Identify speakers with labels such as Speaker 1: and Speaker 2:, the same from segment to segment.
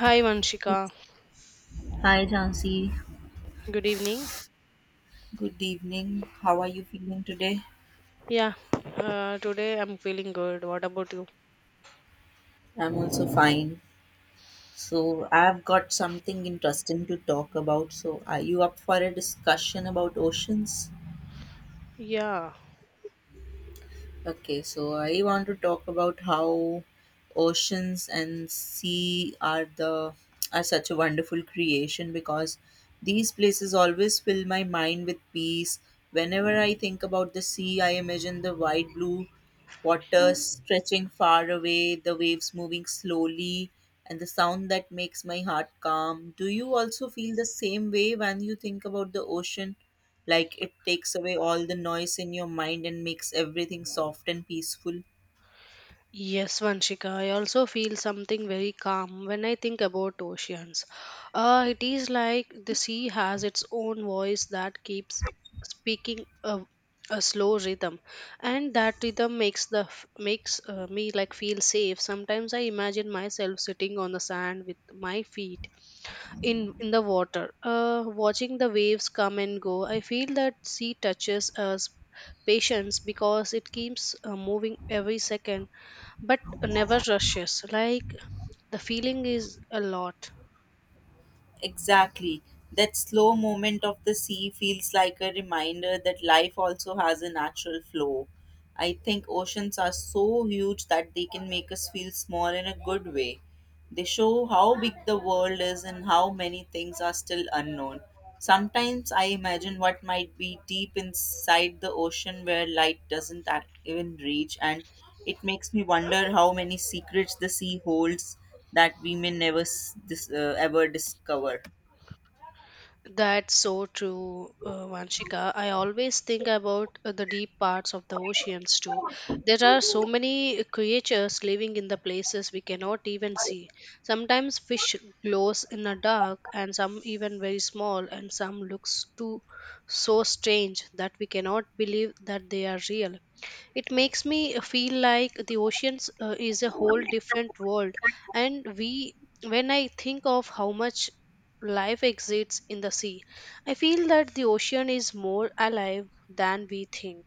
Speaker 1: Hi Vanshika,
Speaker 2: Hi, Jansi.
Speaker 1: good evening.
Speaker 2: Good evening. How are you feeling today?
Speaker 1: Yeah, today I'm feeling good. What about you?
Speaker 2: I'm also fine. So, I've got something interesting to talk about. So, are you up for a discussion about oceans?
Speaker 1: Yeah,
Speaker 2: Okay, so I want to talk about how oceans and sea are the are such a wonderful creation because these places always fill my mind with peace. Whenever I think about the sea, I imagine the wide blue water stretching far away, the waves moving slowly, and the sound that makes my heart calm. Do you also feel the same way when you think about the ocean? Like it takes away all the noise in your mind and makes everything soft and peaceful.
Speaker 1: Yes Vanshika, I also feel something very calm when I think about oceans. It is like the sea has its own voice that keeps speaking a slow rhythm, and that rhythm makes makes me like feel safe. Sometimes I imagine myself sitting on the sand with my feet in the water watching the waves come and go. I feel that sea touches us patience because it keeps moving every second, but never rushes, like the feeling is a lot.
Speaker 2: Exactly. That slow movement of the sea feels like a reminder that life also has a natural flow. I think oceans are so huge that they can make us feel small in a good way. They show how big the world is and how many things are still unknown. Sometimes I imagine what might be deep inside the ocean where light doesn't even reach, and it makes me wonder how many secrets the sea holds that we may never s- dis- ever discover.
Speaker 1: That's so true, Vanshika. I always think about the deep parts of the oceans too. There are so many creatures living in the places we cannot even see. Sometimes fish glows in the dark, and some even very small, and some looks too so strange that we cannot believe that they are real. It makes me feel like the oceans is a whole different world, and we, when I think of how much life exists in the sea, I feel that the ocean is more alive than we think.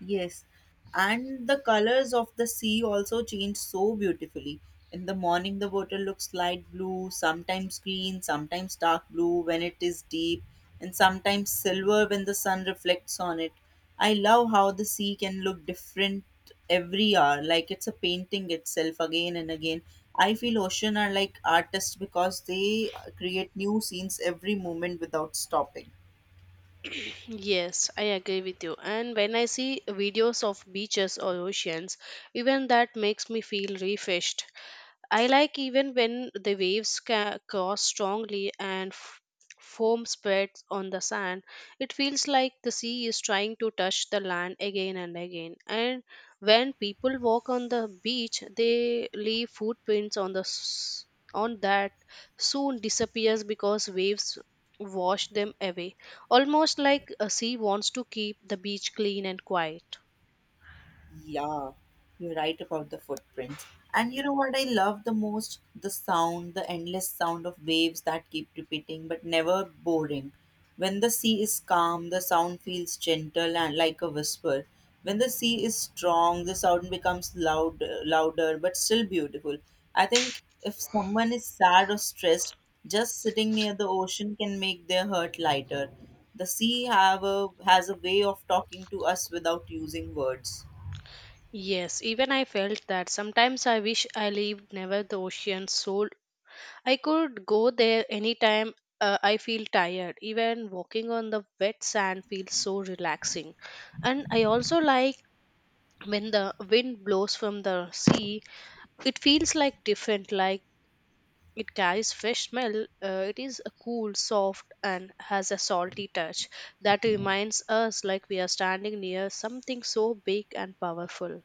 Speaker 2: Yes, and the colors of the sea also change so beautifully. In the morning, the water looks light blue, sometimes green, sometimes dark blue when it is deep, and sometimes silver when the sun reflects on it. I love how the sea can look different every hour, like it's a painting itself again and again. I feel ocean are like artists because they create new scenes every moment without stopping.
Speaker 1: Yes, I agree with you. And when I see videos of beaches or oceans, even that makes me feel refreshed. I like even when the waves cross strongly and foam spreads on the sand. It feels like the sea is trying to touch the land again and again. And when people walk on the beach, they leave footprints on on that soon disappears because waves wash them away. Almost like a sea wants to keep the beach clean and quiet.
Speaker 2: Yeah, you're right about the footprints. And you know what I love the most? The sound, the endless sound of waves that keep repeating but never boring. When the sea is calm, the sound feels gentle and like a whisper. When the sea is strong, the sound becomes loud, louder but still beautiful. I think if someone is sad or stressed, just sitting near the ocean can make their hurt lighter. The sea has a way of talking to us without using words.
Speaker 1: Yes, even I felt that. Sometimes I wish I lived never the ocean so I could go there anytime I feel tired. Even walking on the wet sand feels so relaxing. And I also like when the wind blows from the sea, it feels like different, like it carries fresh smell. It is a cool, soft, and has a salty touch that reminds us like we are standing near something so big and powerful.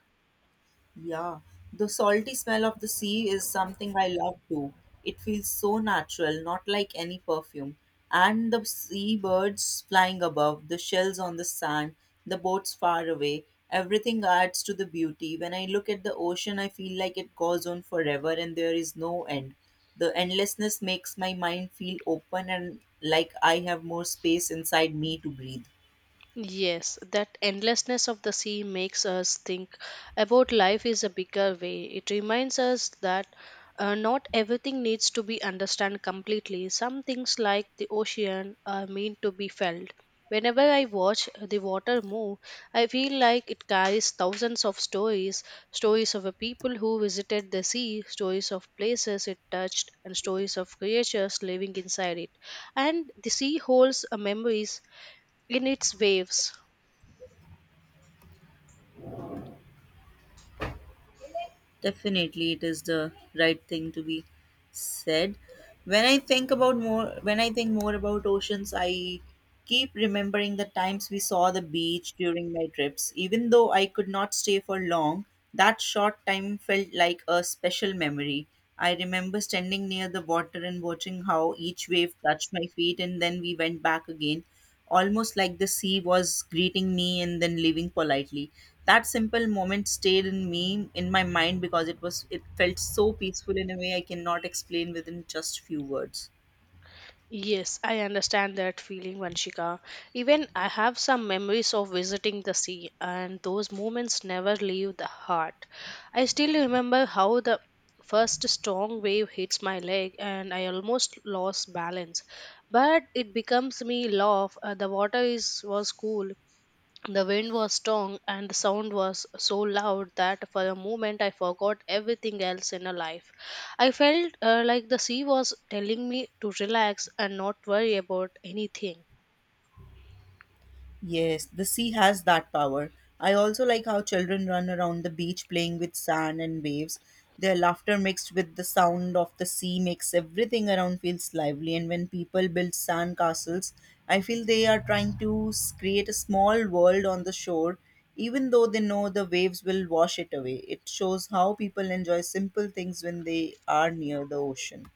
Speaker 2: Yeah, the salty smell of the sea is something I love too. It feels so natural, not like any perfume. And the seabirds flying above, the shells on the sand, the boats far away, everything adds to the beauty. When I look at the ocean, I feel like it goes on forever and there is no end. The endlessness makes my mind feel open and like I have more space inside me to breathe.
Speaker 1: Yes, that endlessness of the sea makes us think about life is a bigger way. It reminds us that not everything needs to be understood completely. Some things, like the ocean, are meant to be felt. Whenever I watch the water move, I feel like it carries thousands of stories, stories of a people who visited the sea, stories of places it touched, and stories of creatures living inside it. And the sea holds memories in its waves.
Speaker 2: Definitely, it is the right thing to be said. When I think more about oceans, I keep remembering the times we saw the beach during my trips. Even though I could not stay for long, that short time felt like a special memory. I remember standing near the water and watching how each wave touched my feet, and then we went back again, almost like the sea was greeting me and then leaving politely. That simple moment stayed in my mind, because it felt so peaceful in a way I cannot explain within just few words.
Speaker 1: Yes, I understand that feeling, Vanshika. Even I have some memories of visiting the sea, and those moments never leave the heart. I still remember how the first strong wave hits my leg and I almost lost balance. But it becomes me laugh. The water is was cool, the wind was strong and the sound was so loud that for a moment I forgot everything else in a life. I felt like the sea was telling me to relax and not worry about anything.
Speaker 2: Yes, the sea has that power. I also like how children run around the beach playing with sand and waves. Their laughter mixed with the sound of the sea makes everything around feels lively. And when people build sand castles, I feel they are trying to create a small world on the shore, even though they know the waves will wash it away. It shows how people enjoy simple things when they are near the ocean.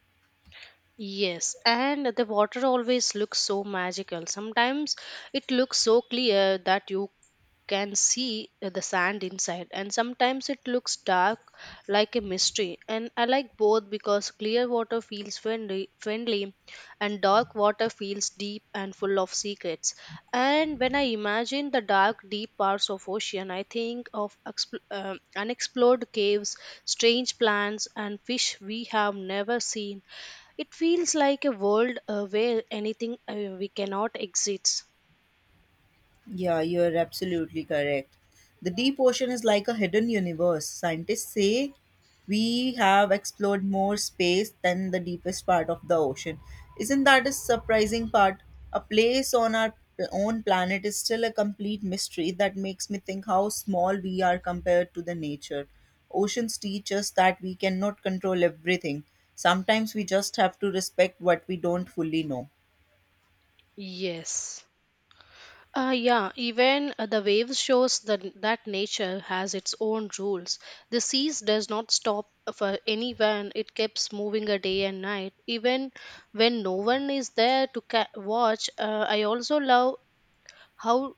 Speaker 1: Yes, and the water always looks so magical. Sometimes it looks so clear that you can see the sand inside, and sometimes it looks dark like a mystery. And I like both because clear water feels friendly and dark water feels deep and full of secrets. And when I imagine the dark, deep parts of ocean, I think of unexplored caves, strange plants, and fish we have never seen. It feels like a world where anything we cannot exist.
Speaker 2: Yeah, you're absolutely correct. The deep ocean is like a hidden universe. Scientists say we have explored more space than the deepest part of the ocean. Isn't that a surprising part? A place on our own planet is still a complete mystery that makes me think how small we are compared to the nature. Oceans teach us that we cannot control everything. Sometimes we just have to respect what we don't fully know.
Speaker 1: Yes. Yeah, even the waves shows that nature has its own rules. The seas does not stop for anyone. It keeps moving a day and night, even when no one is there to watch. I also love how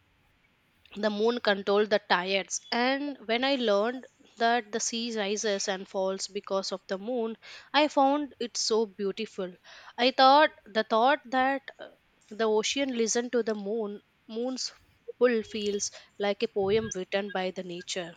Speaker 1: the moon controlled the tides. And when I learned that the sea rises and falls because of the moon, I found it so beautiful. I thought that the ocean listened to the moon's pull feels like a poem written by the nature.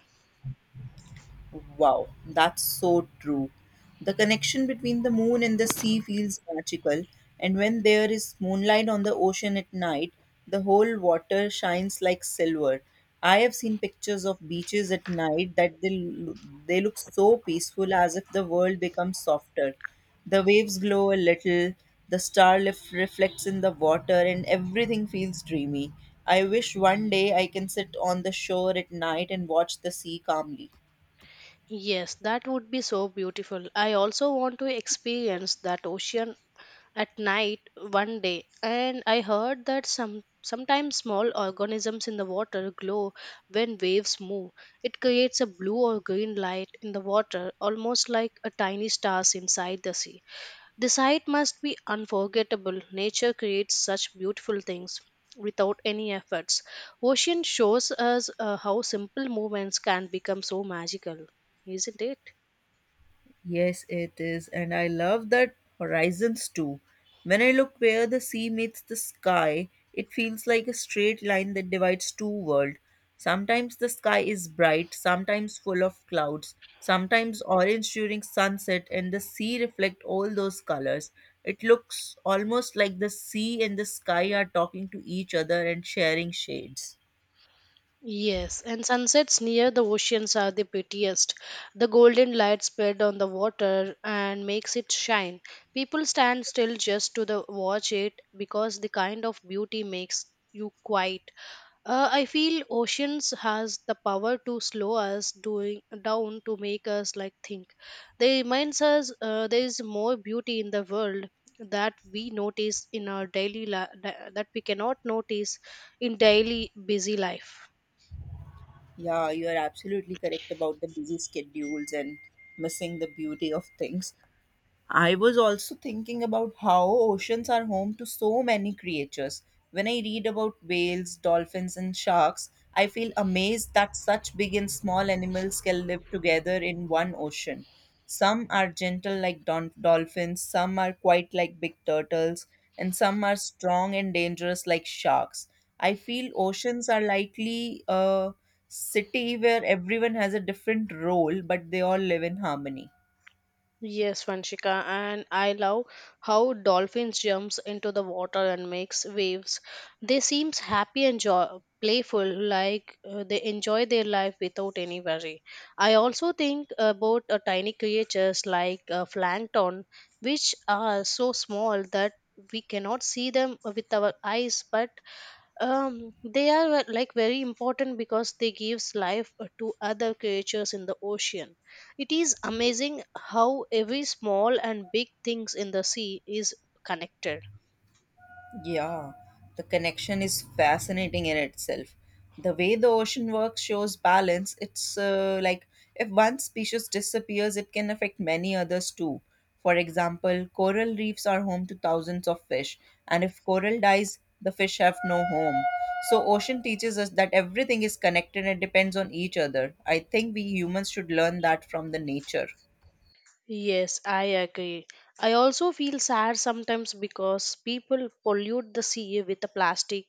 Speaker 2: Wow, that's so true. The connection between the moon and the sea feels magical, and when there is moonlight on the ocean at night, the whole water shines like silver. I have seen pictures of beaches at night that they look so peaceful as if the world becomes softer. The waves glow a little, the starlight reflects in the water, and everything feels dreamy. I wish one day I can sit on the shore at night and watch the sea calmly.
Speaker 1: Yes, that would be so beautiful. I also want to experience that ocean at night one day. And I heard that sometimes small organisms in the water glow when waves move. It creates a blue or green light in the water, almost like a tiny stars inside the sea. The sight must be unforgettable. Nature creates such beautiful things without any efforts. Ocean shows us how simple movements can become so magical, isn't it?
Speaker 2: Yes, it is. And I love that horizons too. When I look where the sea meets the sky, it feels like a straight line that divides two worlds. Sometimes the sky is bright, sometimes full of clouds, sometimes orange during sunset, and the sea reflect all those colors. It looks almost like the sea and the sky are talking to each other and sharing shades.
Speaker 1: Yes, and sunsets near the oceans are the prettiest. The golden light spread on the water and makes it shine. People stand still just to the watch it because the kind of beauty makes you quiet. I feel oceans has the power to slow us doing down to make us like think. They reminds us there is more beauty in the world that we cannot notice in daily busy life.
Speaker 2: Yeah, you are absolutely correct about the busy schedules and missing the beauty of things. I was also thinking about how oceans are home to so many creatures. When I read about whales, dolphins, and sharks, I feel amazed that such big and small animals can live together in one ocean. Some are gentle like dolphins, some are quite like big turtles, and some are strong and dangerous like sharks. I feel oceans are likely a city where everyone has a different role, but they all live in harmony.
Speaker 1: Yes, Vanshika, and I love how dolphins jumps into the water and makes waves. They seems happy and playful, like they enjoy their life without any worry. I also think about tiny creatures like plankton, which are so small that we cannot see them with our eyes, but they are like very important because they gives life to other creatures in the ocean. It is amazing how every small and big things in the sea is connected.
Speaker 2: Yeah, the connection is fascinating in itself. The way the ocean works shows balance. It's like if one species disappears, it can affect many others too. For example, coral reefs are home to thousands of fish, and if coral dies, the fish have no home. So, ocean teaches us that everything is connected and depends on each other. I think we humans should learn that from the nature.
Speaker 1: Yes, I agree. I also feel sad sometimes because people pollute the sea with the plastic,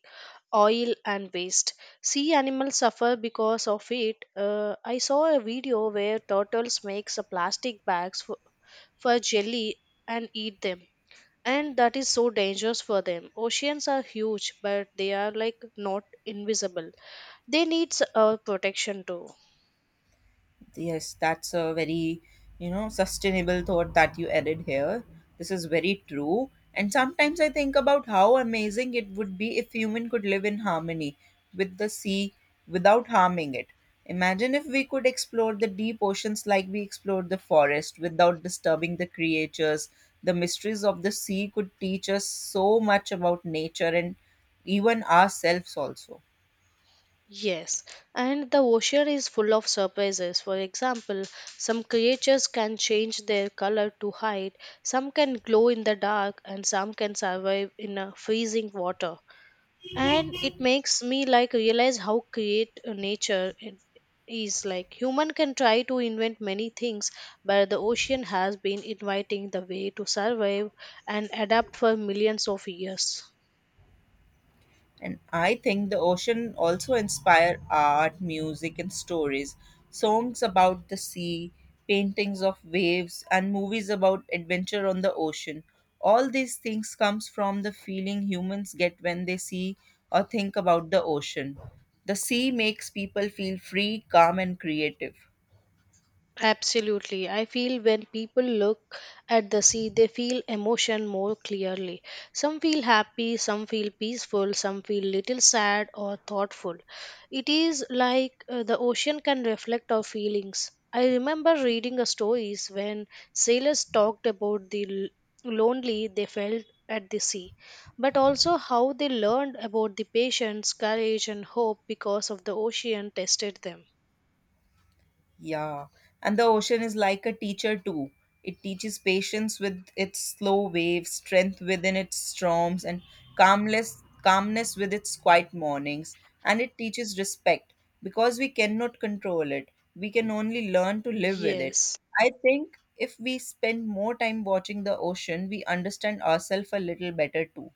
Speaker 1: oil and waste. Sea animals suffer because of it. I saw a video where turtles makes a plastic bags for jelly and eat them, and that is so dangerous for them. Oceans are huge, but they are like not invisible. They need our protection too.
Speaker 2: Yes, that's a very, you know, sustainable thought that you added here. This is very true. And sometimes I think about how amazing it would be if human could live in harmony with the sea without harming it. Imagine if we could explore the deep oceans like we explored the forest without disturbing the creatures. The mysteries of the sea could teach us so much about nature and even ourselves also.
Speaker 1: Yes, and the ocean is full of surprises. For example, some creatures can change their color to hide, some can glow in the dark, and some can survive in a freezing water. And it makes me like realize how create nature is like human can try to invent many things, but the ocean has been inviting the way to survive and adapt for millions of years.
Speaker 2: And I think the ocean also inspire art, music, and stories. Songs about the sea, paintings of waves, and movies about adventure on the ocean. All these things comes from the feeling humans get when they see or think about the ocean. The sea makes people feel free, calm, and creative.
Speaker 1: Absolutely. I feel when people look at the sea, they feel emotion more clearly. Some feel happy, some feel peaceful, some feel little sad or thoughtful. It is like the ocean can reflect our feelings. I remember reading a stories when sailors talked about the lonely they felt at the sea, but also how they learned about the patience, courage, and hope because of the ocean tested them.
Speaker 2: Yeah, and the ocean is like a teacher too. It teaches patience with its slow waves, strength within its storms, and calmness with its quiet mornings. And it teaches respect because we cannot control it. We can only learn to live with it.
Speaker 1: Yes.
Speaker 2: I think if we spend more time watching the ocean, we understand ourselves a little better too.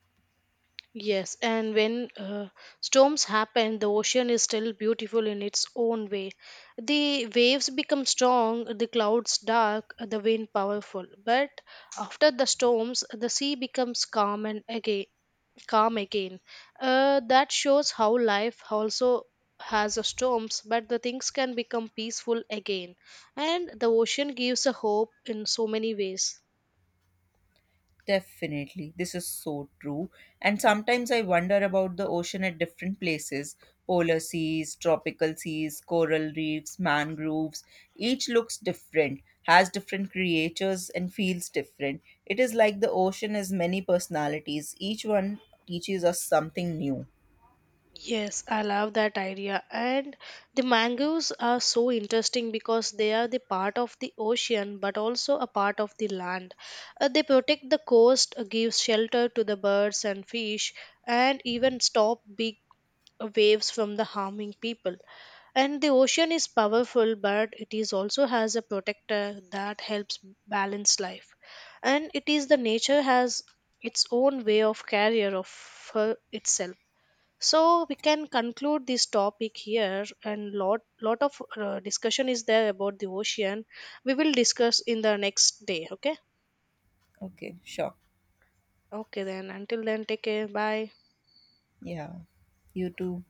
Speaker 1: Yes, and when storms happen, the ocean is still beautiful in its own way. The waves become strong, the clouds dark, the wind powerful. But after the storms, the sea becomes calm and again calm again. That shows how life also has a storms, but the things can become peaceful again. And the ocean gives a hope in so many ways.
Speaker 2: Definitely. This is so true. And sometimes I wonder about the ocean at different places polar seas, tropical seas, coral reefs, mangroves. Each looks different, has different creatures, and feels different. It is like the ocean has many personalities. Each one teaches us something new.
Speaker 1: Yes, I love that idea. And the mangoes are so interesting because they are the part of the ocean but also a part of the land. They protect the coast, give shelter to the birds and fish, and even stop big waves from the harming people. And the ocean is powerful, but it is also has a protector that helps balance life. And it is the nature has its own way of carrier of her itself. So we can conclude this topic here, and lot of discussion is there about the ocean. We will discuss in the next day, okay?
Speaker 2: Okay, sure.
Speaker 1: Okay, then until then, take care, bye.
Speaker 2: Yeah. You too.